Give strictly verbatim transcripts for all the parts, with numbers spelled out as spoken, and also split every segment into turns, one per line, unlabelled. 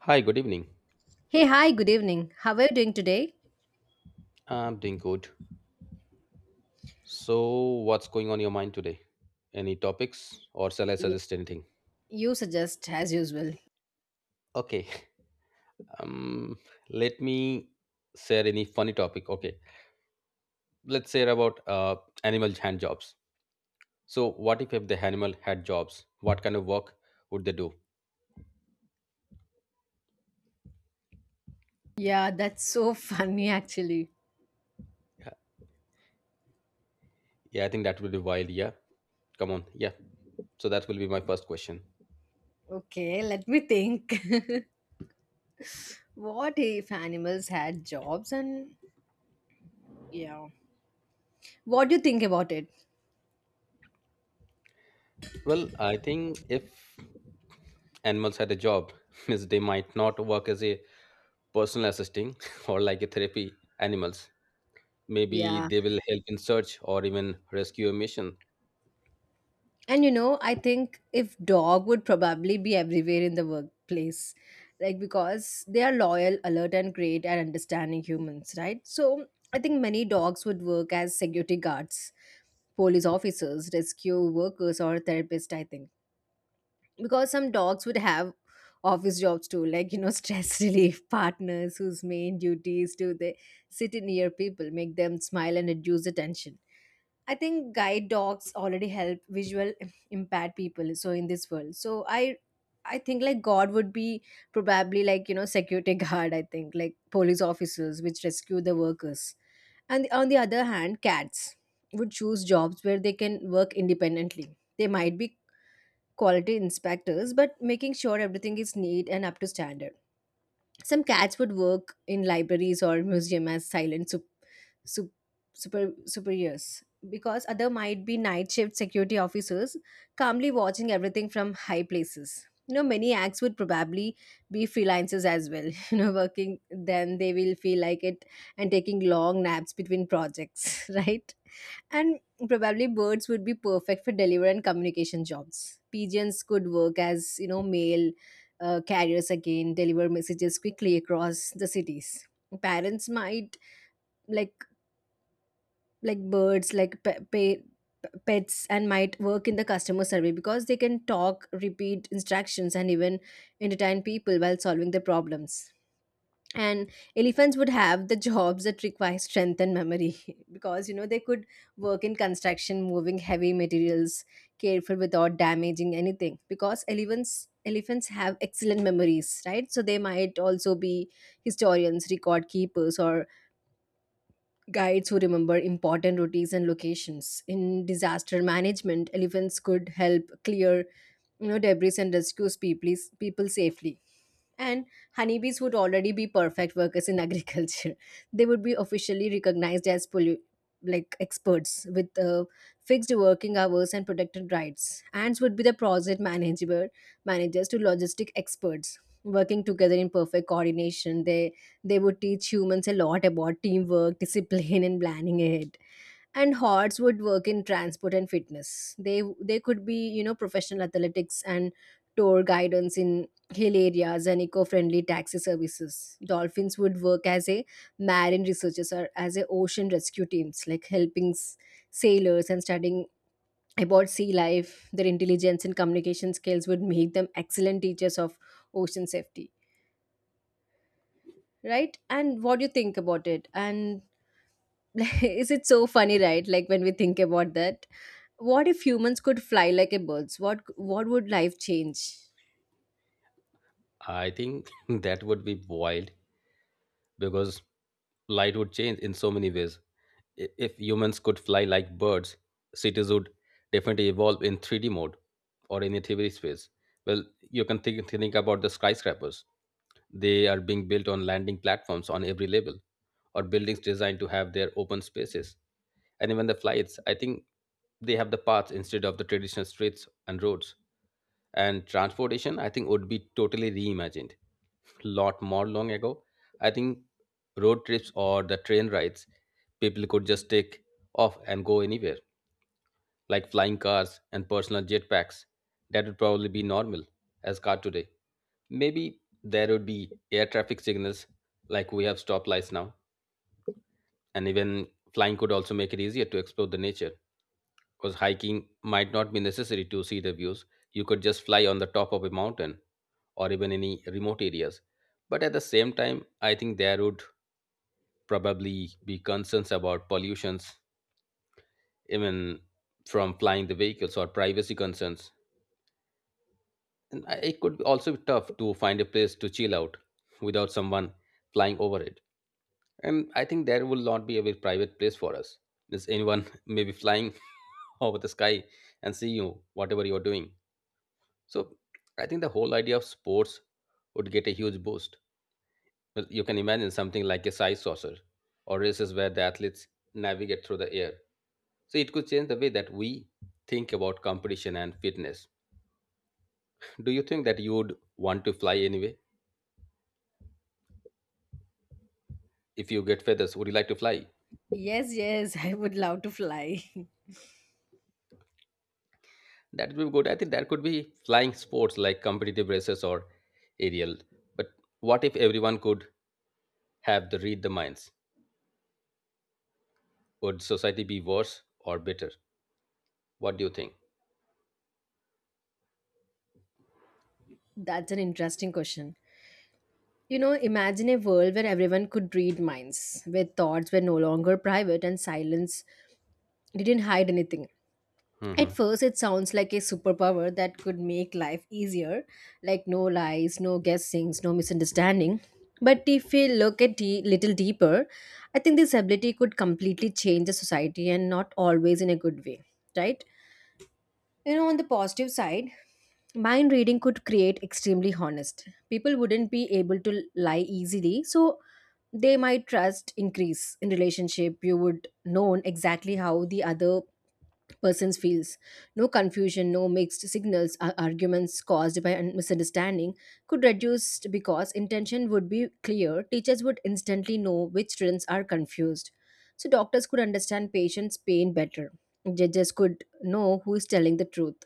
Hi, good evening.
Hey, hi, good evening. How are you doing today?
I'm doing good. So, what's going on your mind today? Any topics or shall I
Yeah,
suggest anything?
you suggest as usual.
Okay. Um let me share any funny topic. Okay. Let's share about uh animal hand jobs. So, what if if the animal had jobs? What kind of work would they do?
Yeah, that's so funny actually.
Yeah, yeah, I think that would be wild, yeah. Come on. Yeah. So that will be my first question.
Okay, let me think. What if animals had jobs and yeah. What do you think about it?
Well, I think if animals had a job, means they might not work as a personal assisting or like a therapy animals, maybe
Yeah.
they will help in search or even rescue a mission.
And you know, I think if dog would probably be everywhere in the workplace, like because they are loyal, alert, and great at understanding humans, right? So I think many dogs would work as security guards, police officers, rescue workers, or therapists. I think because some dogs would have office jobs too, like you know, stress relief partners whose main duty is to they sit near people, make them smile, and reduce the tension. I think guide dogs already help visual impaired people. So in this world, so I, I think like God would be probably like you know security guard. I think like police officers which rescue the workers, and on the other hand, cats would choose jobs where they can work independently. They might be quality inspectors, but making sure everything is neat and up to standard. Some cats would work in libraries or museum as silent sup- super superiors because other might be night shift security officers calmly watching everything from high places. You know, many acts would probably be freelancers as well, you know, working then they will feel like it and taking long naps between projects, right. And probably birds would be perfect for delivery and communication jobs. Pigeons could work as you know mail uh, carriers, again deliver messages quickly across the cities. Parents might like like birds like pe- pe- pets and might work in the customer survey because they can talk, repeat instructions and even entertain people while solving the problems. And elephants would have the jobs that require strength and memory, because you know they could work in construction moving heavy materials careful without damaging anything. Because elephants elephants have excellent memories, right, so they might also be historians, record keepers, or guides who remember important routes and locations. In disaster management, elephants could help clear you know debris and rescue people, people safely. And honeybees would already be perfect workers in agriculture. They would be officially recognized as pollu- like experts with uh, fixed working hours and protected rights. Ants would be the project manager managers to logistic experts working together in perfect coordination. They they would teach humans a lot about teamwork, discipline, and planning ahead. And hordes would work in transport and fitness. They they could be you know professional athletics and tour guidance in hill areas and eco-friendly taxi services. Dolphins would work as a marine researchers or as a ocean rescue teams, like helping s- sailors and studying about sea life. Their intelligence and communication skills would make them excellent teachers of ocean safety, right? And what do you think about it? And is it so funny, right, like when we think about that what if humans could fly like a birds, what what would life change?
I think that would be wild because light would change in so many ways. I- if humans could fly like birds, cities would definitely evolve in three D mode or in a three D space. Well, you can think, think about the skyscrapers. They are being built on landing platforms on every level, or buildings designed to have their open spaces. And even the flights, I think they have the paths instead of the traditional streets and roads. And transportation, I think, would be totally reimagined. Lot more long ago, I think road trips or the train rides, people could just take off and go anywhere, like flying cars and personal jetpacks. That would probably be normal as car today. Maybe there would be air traffic signals like we have stoplights now, and even flying could also make it easier to explore the nature because hiking might not be necessary to see the views. You could just fly on the top of a mountain or even any remote areas. But at the same time, I think there would probably be concerns about pollutions, even from flying the vehicles or privacy concerns. And I- it could also be tough to find a place to chill out without someone flying over it. And I think there will not be a very private place for us. There's anyone maybe flying over the sky and see you, whatever you're doing. So I think the whole idea of sports would get a huge boost. But you can imagine something like a size saucer or races where the athletes navigate through the air. So it could change the way that we think about competition and fitness. Do you think that you would want to fly anyway? If you get feathers, would you like to fly?
Yes, yes, I would love to fly.
That would be good. I think there could be flying sports like competitive races or aerial. But what if everyone could have the read the minds? Would society be worse or better? What do you think?
That's an interesting question. You know, imagine a world where everyone could read minds, where thoughts were no longer private and silence didn't hide anything. At
Hmm.
first, it sounds like a superpower that could make life easier, like no lies, no guessings, no misunderstanding. But if we look at a little deeper, I think this ability could completely change the society and not always in a good way, right? You know, on the positive side, mind reading could create extremely honest. People wouldn't be able to lie easily, so they might trust increase in relationship. You would know exactly how the other person feels. No confusion, no mixed signals, ar- arguments caused by un- misunderstanding could reduce because intention would be clear. Teachers would instantly know which students are confused. So doctors could understand patients' pain better. Judges could know who is telling the truth,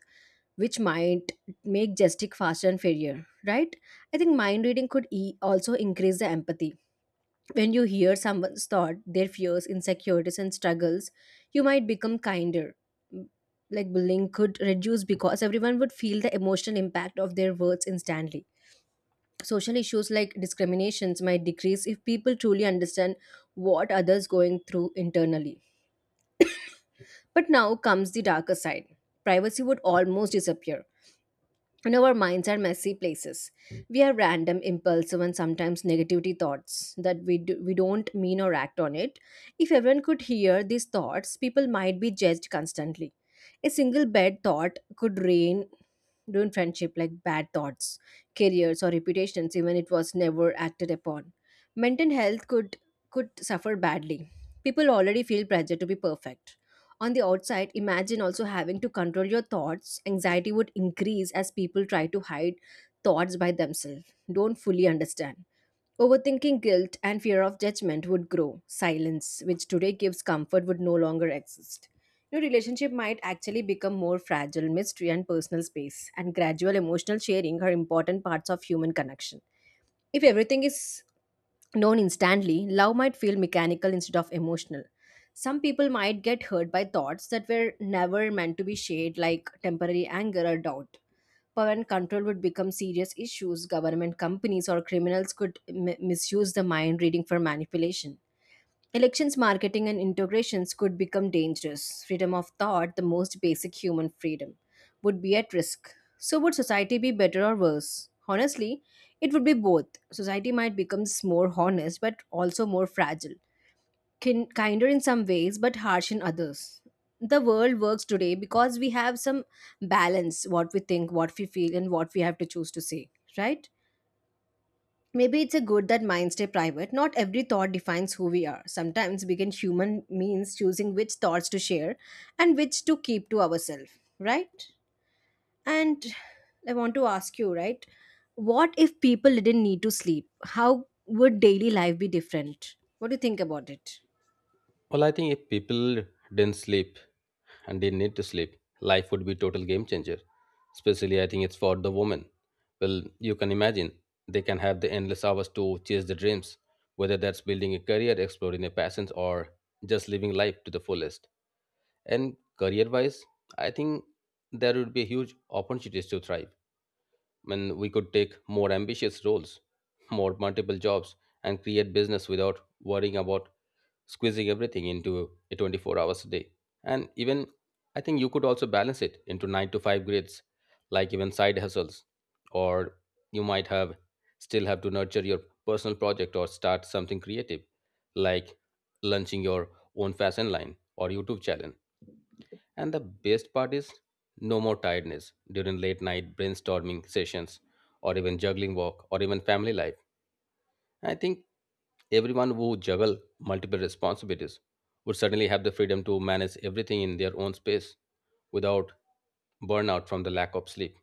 which might make justice faster and fairer, right? I think mind reading could e- also increase the empathy. When you hear someone's thought, their fears, insecurities, and struggles, you might become kinder. Like bullying could reduce because everyone would feel the emotional impact of their words instantly. Social issues like discriminations might decrease if people truly understand what others going through internally. But now comes the darker side. Privacy would almost disappear, and our minds are messy places. We have random impulsive and sometimes negativity thoughts that we do, we don't mean or act on it. If everyone could hear these thoughts, people might be judged constantly. A single bad thought could rain ruin friendship, like bad thoughts, careers or reputations, even it was never acted upon. Mental health could could suffer badly. People already feel pressure to be perfect on the outside. Imagine also having to control your thoughts. Anxiety would increase as people try to hide thoughts by themselves, don't fully understand. Overthinking, guilt, and fear of judgment would grow. Silence, which today gives comfort, would no longer exist. Your relationship might actually become more fragile. Mystery, and personal space, and gradual emotional sharing are important parts of human connection. If everything is known instantly, love might feel mechanical instead of emotional. Some people might get hurt by thoughts that were never meant to be shared, like temporary anger or doubt. Power and control would become serious issues. Government companies or criminals could m- misuse the mind reading for manipulation. Elections marketing and integrations could become dangerous. Freedom of thought, the most basic human freedom, would be at risk. So, would society be better or worse? Honestly, it would be both. Society might become more honest but also more fragile, kin- kinder in some ways but harsh in others. The world works today because we have some balance, what we think, what we feel, and what we have to choose to say, right? Maybe it's a good that minds stay private. Not every thought defines who we are. Sometimes being human means choosing which thoughts to share and which to keep to ourselves, right? And I want to ask you, right? What if people didn't need to sleep? How would daily life be different? What do you think about it?
Well, I think if people didn't sleep and they need to sleep, life would be total game changer. Especially, I think it's for the woman. Well, you can imagine they can have the endless hours to chase their dreams, whether that's building a career, exploring a passion, or just living life to the fullest. And career wise, I think there would be huge opportunities to thrive. When we could take more ambitious roles, more multiple jobs, and create business without worrying about squeezing everything into a twenty-four hours a day. And even I think you could also balance it into nine to five grids, like even side hustles. Or you might have still have to nurture your personal project or start something creative, like launching your own fashion line or YouTube channel, and the best part is no more tiredness during late night brainstorming sessions or even juggling work or even family life. I think everyone who juggle multiple responsibilities would suddenly have the freedom to manage everything in their own space without burnout from the lack of sleep.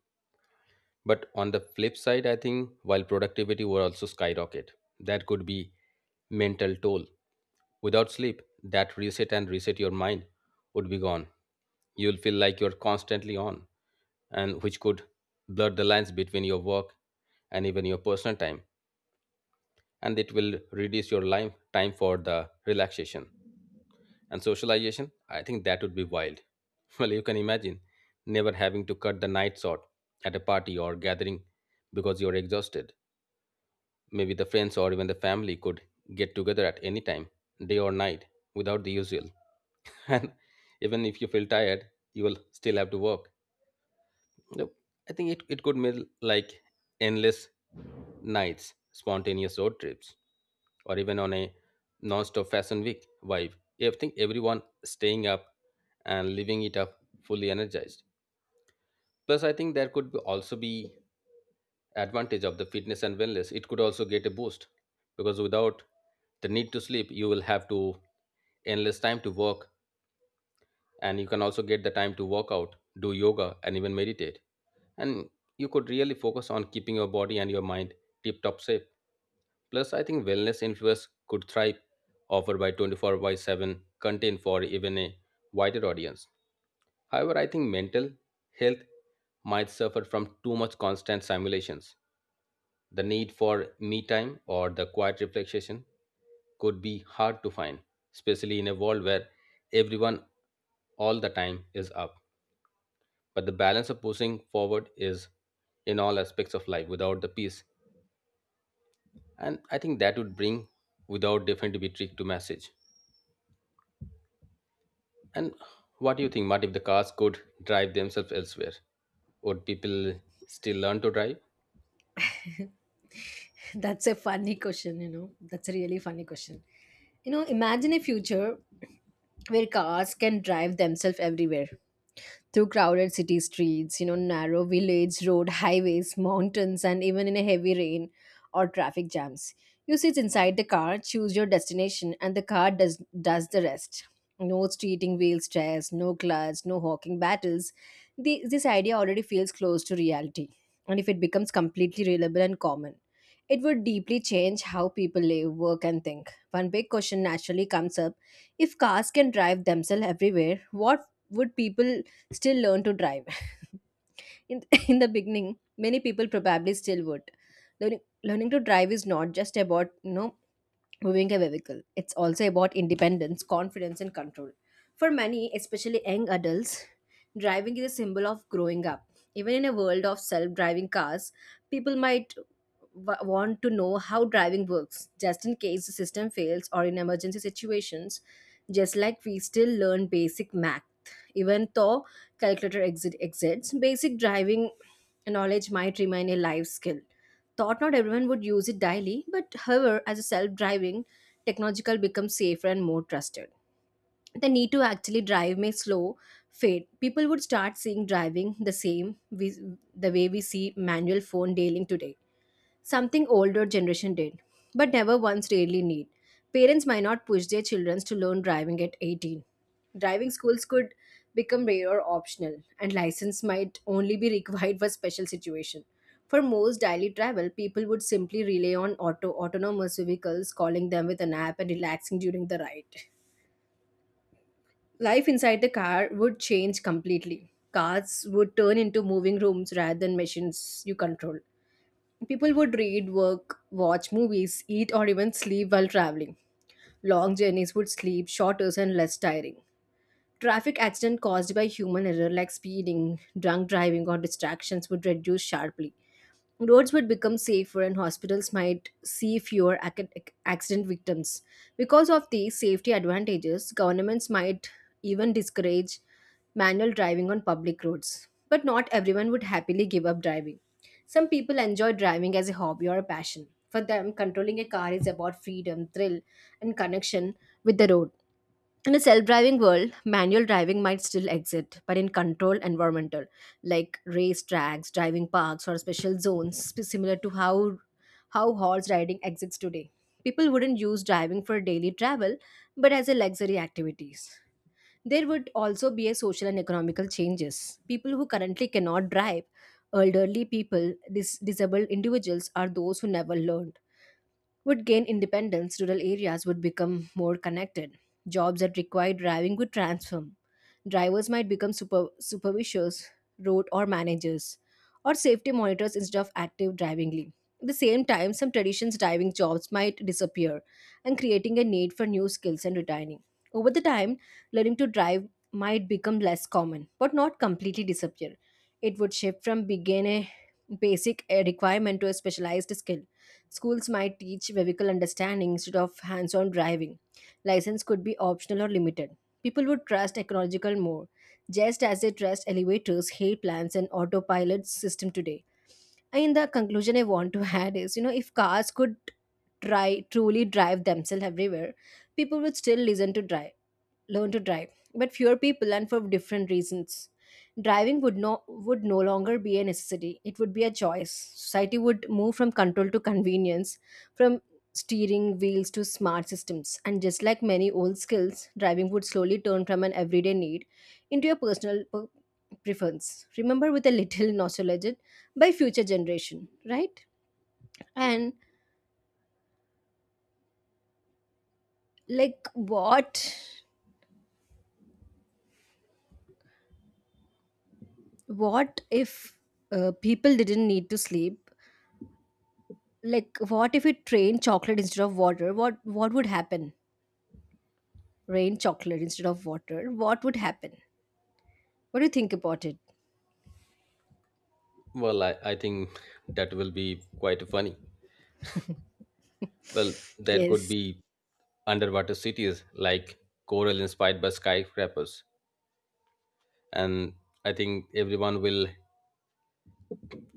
But on the flip side, I think while productivity will also skyrocket, that could be mental toll. Without sleep, that reset and reset your mind would be gone. You'll feel like you're constantly on, and which could blur the lines between your work and even your personal time, and it will reduce your life time for the relaxation and socialization. I think that would be wild. Well, you can imagine never having to cut the night short at a party or gathering because you're exhausted. Maybe the friends or even the family could get together at any time, day or night, without the usual. And even if you feel tired, you will still have to work. Nope. I think it, it could mean like endless nights, spontaneous road trips, or even on a non-stop fashion week vibe. I think everyone staying up and living it up fully energized. Plus, I think there could be also be advantage of the fitness and wellness. It could also get a boost because without the need to sleep, you will have to endless time to work, and you can also get the time to work out, do yoga, and even meditate. And you could really focus on keeping your body and your mind tip top shape. Plus, I think wellness influencers could thrive, offered by twenty-four by seven content for even a wider audience. However, I think mental health might suffer from too much constant simulations. The need for me time or the quiet reflection could be hard to find, especially in a world where everyone all the time is up. But the balance of pushing forward is in all aspects of life without the peace. And I think that would bring without different to be trick to message. And what do you think, Matt, if the cars could drive themselves elsewhere? Would people still learn to drive?
That's a funny question, you know. That's a really funny question. You know, imagine a future where cars can drive themselves everywhere, through crowded city streets, you know, narrow village road, highways, mountains, and even in a heavy rain or traffic jams. You sit inside the car, choose your destination, and the car does does the rest. No streeting wheel stress, no clutch, no hawking battles. The, this idea already feels close to reality, and if it becomes completely reliable and common, it would deeply change how people live, work, and think. One big question naturally comes up: if cars can drive themselves everywhere, what would people still learn to drive. in, in the beginning, many people probably still would. Learning, learning to drive is not just about you know moving a vehicle. It's also about independence, confidence, and control. For many, especially young adults, driving is a symbol of growing up. Even in a world of self driving cars, people might w- want to know how driving works, just in case the system fails or in emergency situations, just like we still learn basic math. Even though calculator exit exists, basic driving knowledge might remain a life skill thought not everyone would use it daily, but however, as a self-driving technological becomes safer and more trusted. The need to actually drive may slow fade. People would start seeing driving the same we, the way we see manual phone dealing today. Something older generation did, but never once really need. Parents might not push their children to learn driving at eighteen. Driving schools could become rare or optional, and license might only be required for special situation. For most daily travel, people would simply rely on auto autonomous vehicles, calling them with an app and relaxing during the ride. Life inside the car would change completely. Cars would turn into moving rooms rather than machines you control. People would read, work, watch movies, eat, or even sleep while traveling. Long journeys would sleep shorter and less tiring. Traffic accident caused by human error like speeding, drunk driving, or distractions would reduce sharply. Roads would become safer and hospitals might see fewer ac- accident victims. Because of these safety advantages, governments might even discourage manual driving on public roads. But not everyone would happily give up driving. Some people enjoy driving as a hobby or a passion. For them, controlling a car is about freedom, thrill, and connection with the road. In a self-driving world, manual driving might still exist, but in controlled environmental like race tracks, driving parks, or special zones, sp- similar to how how horse riding exists today. People wouldn't use driving for daily travel, but as a luxury activities. There would also be a social and economical changes. People who currently cannot drive, elderly people, dis- disabled individuals, are those who never learned would gain independence. Rural areas would become more connected. Jobs that require driving would transform. Drivers might become super, supervisors, road or managers, or safety monitors instead of active drivingly. At the same time, some traditions driving jobs might disappear and creating a need for new skills and retraining. Over the time, learning to drive might become less common, but not completely disappear. It would shift from being a basic eh, requirement to a specialized skill. Schools might teach vehicle understanding instead of hands on driving. License could be optional or limited. People would trust technological more, just as they trust elevators, hay plants, and autopilot system today. In the conclusion, I want to add is you know, if cars could try truly drive themselves everywhere, people would still listen to drive learn to drive, but fewer people and for different reasons. Driving would no would no longer be a necessity. It would be a choice. Society would move from control to convenience, from steering wheels to smart systems. And just like many old skills, driving would slowly turn from an everyday need into a personal per- preference. Remember with a little nostalgia by future generation, right? And like what what if uh, people didn't need to sleep. Like, what if it rained chocolate instead of water? What what would happen? Rain chocolate instead of water. What would happen? What do you think about it?
Well, I, I think that will be quite funny. Well, there could
Yes.
be underwater cities like coral inspired by skyscrapers. And I think everyone will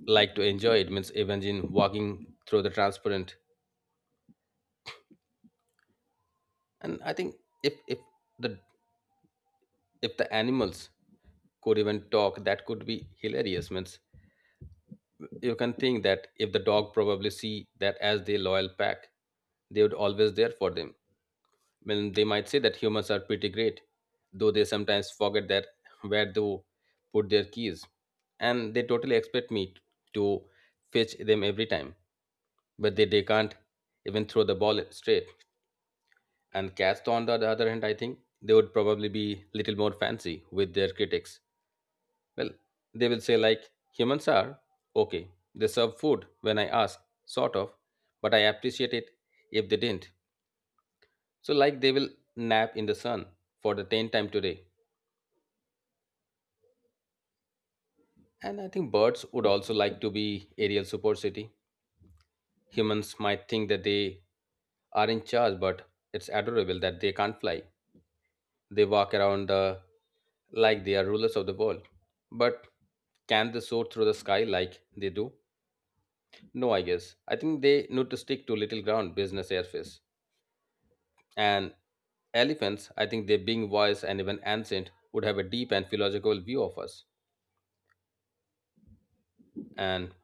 like to enjoy it. Means imagine walking through the transparent. And I think if if the if the animals could even talk, that could be hilarious. Means you can think that if the dog probably see that as their loyal pack, they would always there for them. Well, they might say that humans are pretty great, though they sometimes forget that where they put their keys, and they totally expect me to fetch them every time. But they, they can't even throw the ball straight. And cats, on the other hand, I think they would probably be little more fancy with their critics. Well, they will say, like, humans are okay. They serve food when I ask, sort of, but I appreciate it if they didn't. So, like, they will nap in the sun for the tenth time today. And I think birds would also like to be aerial supercity. Humans might think that they are in charge, but it's adorable that they can't fly. They walk around the like they are rulers of the world. But can they soar through the sky like they do? No, I guess. I think they need to stick to little ground business airface. And elephants, I think they being wise and even ancient, would have a deep and philosophical view of us. And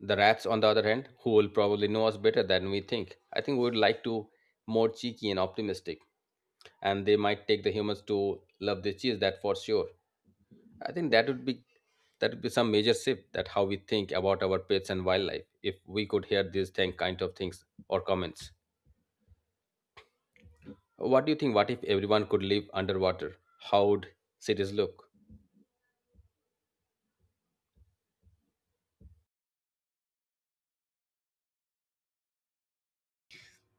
the rats, on the other hand, who will probably know us better than we think, I think would like to more cheeky and optimistic. And they might take the humans to love their cheese, that for sure. I think that would be that would be some major shift that how we think about our pets and wildlife if we could hear these thing kind of things or comments. What do you think? What if everyone could live underwater? How would cities look?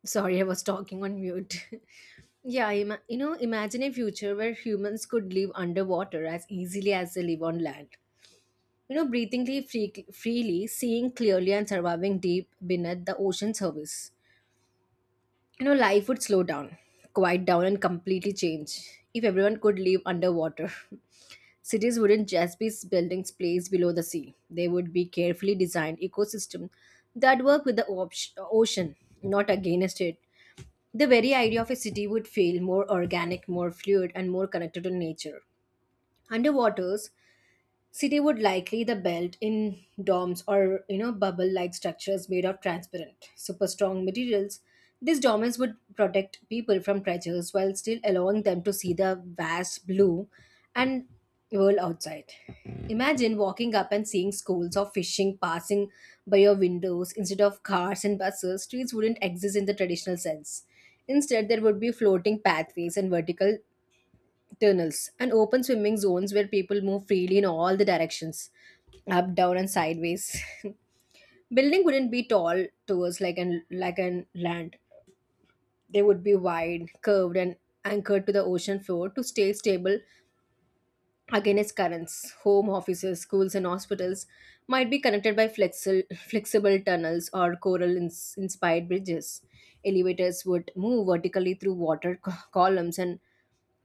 Sorry, I was talking on mute. Yeah, ima- you know, imagine a future where humans could live underwater as easily as they live on land. You know, breathing free- freely, seeing clearly, and surviving deep beneath the ocean surface. You know, life would slow down, quiet down, and completely change if everyone could live underwater. Cities wouldn't just be buildings placed below the sea. They would be carefully designed ecosystems that work with the op- ocean, not against it. The very idea of a city would feel more organic, more fluid, and more connected to nature. Underwaters city would likely the belt in domes or, you know, bubble-like structures made of transparent, super strong materials. These domes would protect people from treasures while still allowing them to see the vast blue and world outside. Imagine walking up and seeing schools of fishing passing by your windows instead of cars and buses. Streets wouldn't exist in the traditional sense. Instead, there would be floating pathways and vertical tunnels and open swimming zones where people move freely in all the directions, up, down, and sideways. Building wouldn't be tall towards like an like an land. They would be wide, curved, and anchored to the ocean floor to stay stable against currents. Home, offices, schools, and hospitals might be connected by flexible flexible tunnels or coral ins- inspired bridges. Elevators would move vertically through water co- columns. And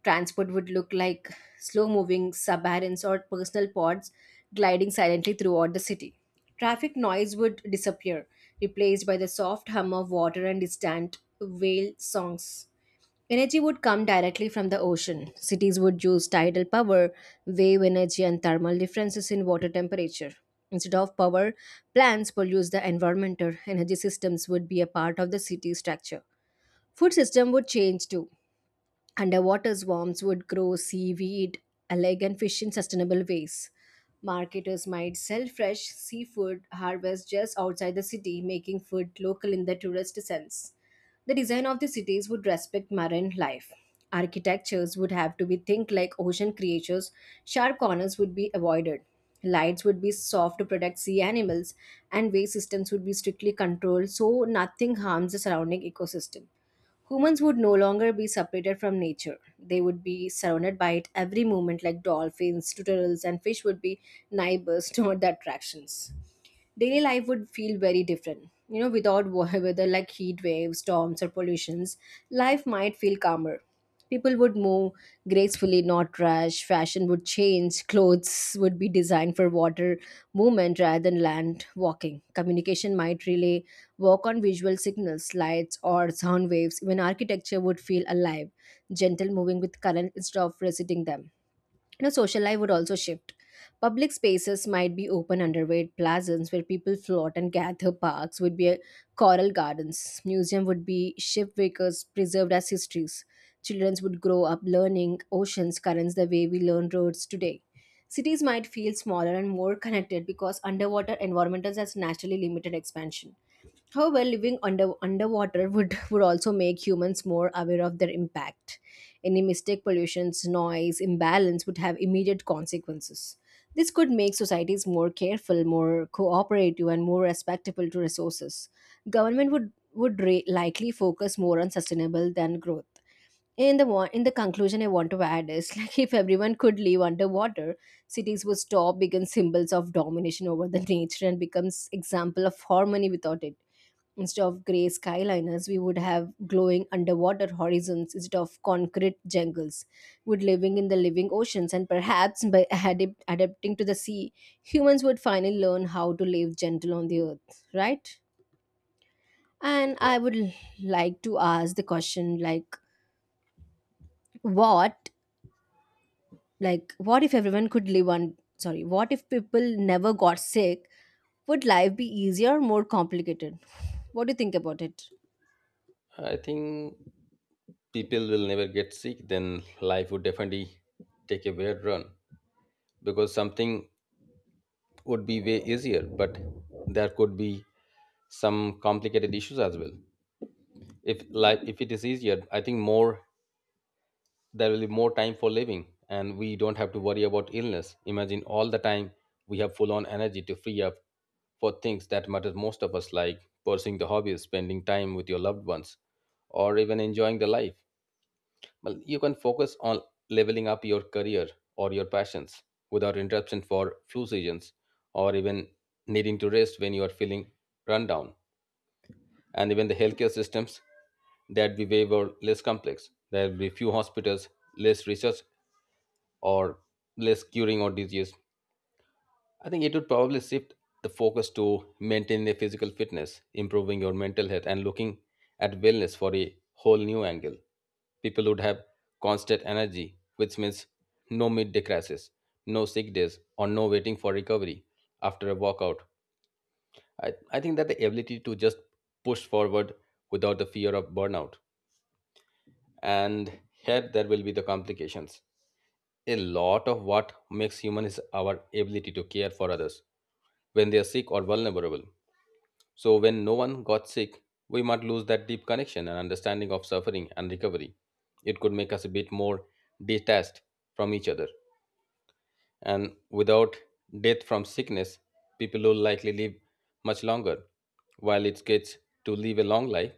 transport would look like slow moving submarines or personal pods gliding silently throughout the city. Traffic noise would disappear, replaced by the soft hum of water and distant whale songs. Energy would come directly from the ocean. Cities would use tidal power, wave energy, and thermal differences in water temperature. Instead of power, plants pollute the environment. Or energy systems would be a part of the city structure. Food system would change too. Underwater swarms would grow seaweed, algae, and fish in sustainable ways. Marketers might sell fresh seafood harvest just outside the city, making food local in the tourist sense. The design of the cities would respect marine life. Architectures would have to be think like ocean creatures. Sharp corners would be avoided. Lights would be soft to protect sea animals, and waste systems would be strictly controlled so nothing harms the surrounding ecosystem. Humans would no longer be separated from nature. They would be surrounded by it every moment, like dolphins, turtles, and fish would be neighbors, not the attractions. Daily life would feel very different, you know, without wa- weather like heat waves, storms, or pollutions. Life might feel calmer. People would move gracefully, not rush. Fashion would change. Clothes would be designed for water movement rather than land walking. Communication might relay work on visual signals, lights, or sound waves. Even architecture would feel alive, gentle, moving with current instead of resisting them. You know, social life would also shift. Public spaces might be open underweight plazas where people float and gather. Parks would be a coral gardens. Museum would be shipwreckers preserved as histories. Children would grow up learning oceans currents the way we learn roads today. Cities might feel smaller and more connected because underwater environmentals has naturally limited expansion. However, living under underwater would, would also make humans more aware of their impact. Any mistake, pollutions, noise, imbalance would have immediate consequences. This could make societies more careful, more cooperative, and more respectable to resources. Government would would re- likely focus more on sustainable than growth. In the wa- in the conclusion, I want to add is like if everyone could live underwater, cities would stop become symbols of domination over the nature and becomes example of harmony without it. Instead of grey skyliners, we would have glowing underwater horizons instead of concrete jungles. Would living in the living oceans and perhaps by adapt- adapting to the sea, humans would finally learn how to live gentle on the earth, right? And
Yeah,
I would l- like to ask the question like what like what if everyone could live on, sorry, what if people never got sick? Would life be easier or more complicated? What do you think about it?
I think people will never get sick. Then life would definitely take a weird run because something would be way easier, but there could be some complicated issues as well. If life, if it is easier, I think more there will be more time for living, and we don't have to worry about illness. Imagine all the time we have full on energy to free up for things that matter most of us, like pursuing the hobbies, spending time with your loved ones, or even enjoying the life. Well, you can focus on leveling up your career or your passions without interruption for flu seasons or even needing to rest when you are feeling run down. And even the healthcare systems that we way were less complex. There will be few hospitals, less research or less curing or disease. I think it would probably shift the focus to maintaining a physical fitness, improving your mental health, and looking at wellness for a whole new angle. People would have constant energy, which means no midday crashes, no sick days, or no waiting for recovery after a workout. I, I think that the ability to just push forward without the fear of burnout. And here there will be the complications. A lot of what makes human is our ability to care for others when they are sick or vulnerable. So, when no one got sick, we might lose that deep connection and understanding of suffering and recovery. It could make us a bit more detached from each other. And without death from sickness, people will likely live much longer. While it gets to live a long life,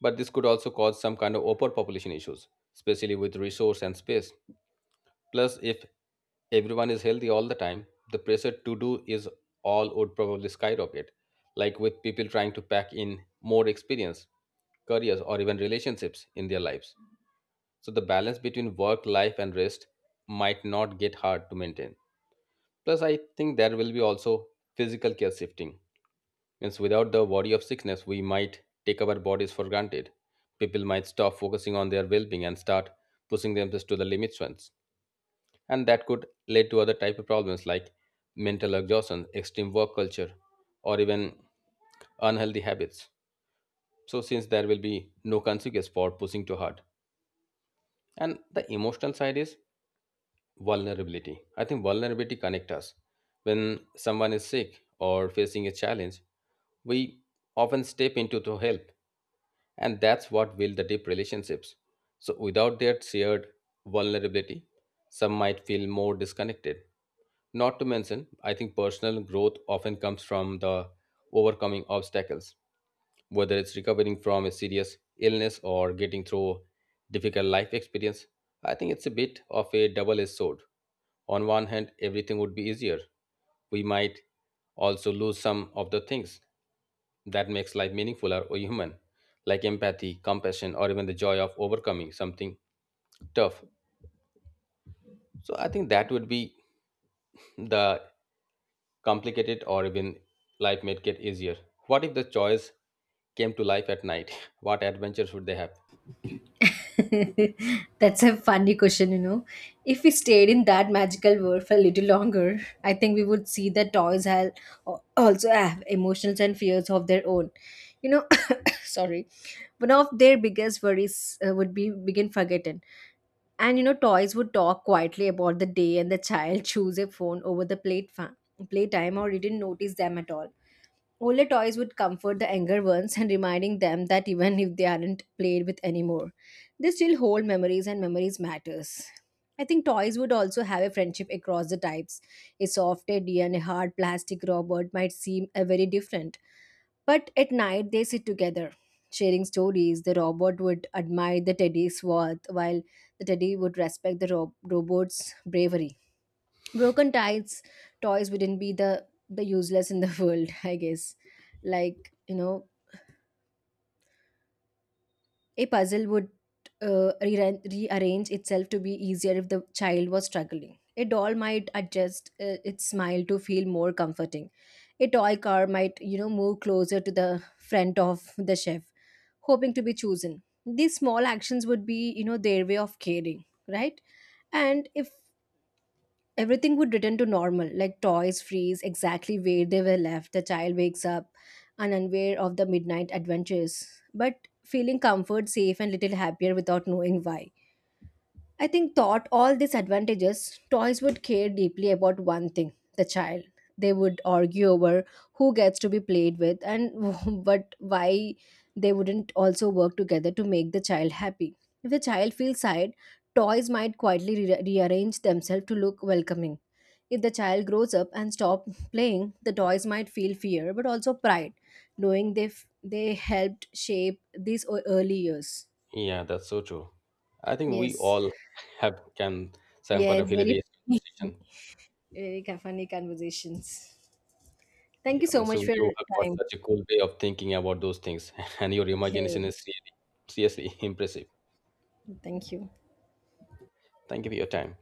but this could also cause some kind of overpopulation issues, especially with resource and space. Plus, if everyone is healthy all the time, the pressure to do is all would probably skyrocket, like with people trying to pack in more experience, careers, or even relationships in their lives. So, the balance between work, life, and rest might not get hard to maintain. Plus, I think there will be also physical care shifting. Means without the worry of sickness, we might take our bodies for granted. People might stop focusing on their well being and start pushing themselves to the limits once, and that could lead to other type of problems like mental exhaustion, extreme work culture, or even unhealthy habits. So since there will be no consequence for pushing too hard, and the emotional side is vulnerability. I think vulnerability connects us when someone is sick or facing a challenge, we often step into to help, and that's what will the deep relationships. So without that shared vulnerability, some might feel more disconnected. Not to mention, I think personal growth often comes from the overcoming obstacles, whether it's recovering from a serious illness or getting through difficult life experience. I think it's a bit of a double-edged sword. On one hand, everything would be easier. We might also lose some of the things that makes life meaningful or human, like empathy, compassion, or even the joy of overcoming something tough. So I think that would be the complicate it or even life might get easier. What if the choice came to life at night? What adventures would they have?
That's a funny question, you know. If we stayed in that magical world for a little longer, I think we would see that toys have also have emotions and fears of their own. You know, sorry. One of their biggest worries uh, would be begin forgotten. And you know, toys would talk quietly about the day, and the child choose a phone over the plate fa- playtime, or didn't notice them at all. Older toys would comfort the younger ones and reminding them that even if they aren't played with anymore, they still hold memories and memories matters. I think toys would also have a friendship across the types. A soft teddy and a hard plastic robot might seem a very different, but at night they sit together, sharing stories. The robot would admire the teddy's worth, while the teddy would respect the rob- robot's bravery. Broken tides, toys wouldn't be the the useless in the world, I guess. Like, you know, a puzzle would uh, re- rearrange itself to be easier if the child was struggling. A doll might adjust uh, its smile to feel more comforting. A toy car might, you know, move closer to the front of the chef, hoping to be chosen. These small actions would be, you know, their way of caring, right? And if everything would return to normal, like toys freeze exactly where they were left, the child wakes up and unaware of the midnight adventures, but feeling comfort, safe, and little happier without knowing why. I think, taught all these advantages, toys would care deeply about one thing, the child. They would argue over who gets to be played with and but why they wouldn't also work together to make the child happy. If the child feels sad, toys might quietly re- rearrange themselves to look welcoming. If the child grows up and stop playing, the toys might feel fear but also pride, knowing they f- they helped shape these o- early years.
Yeah, that's so true. I think we
Yes,
all have can say I'm quite a
yes, very. Funny.
hilarious conversation.
Very funny conversations. Thank
Yeah,
you
I
so
mean,
much
so
for your
you have got
time.
such a cool way of thinking about those things, and your
Yeah.
imagination is really, seriously impressive.
Thank you.
Thank you for your time.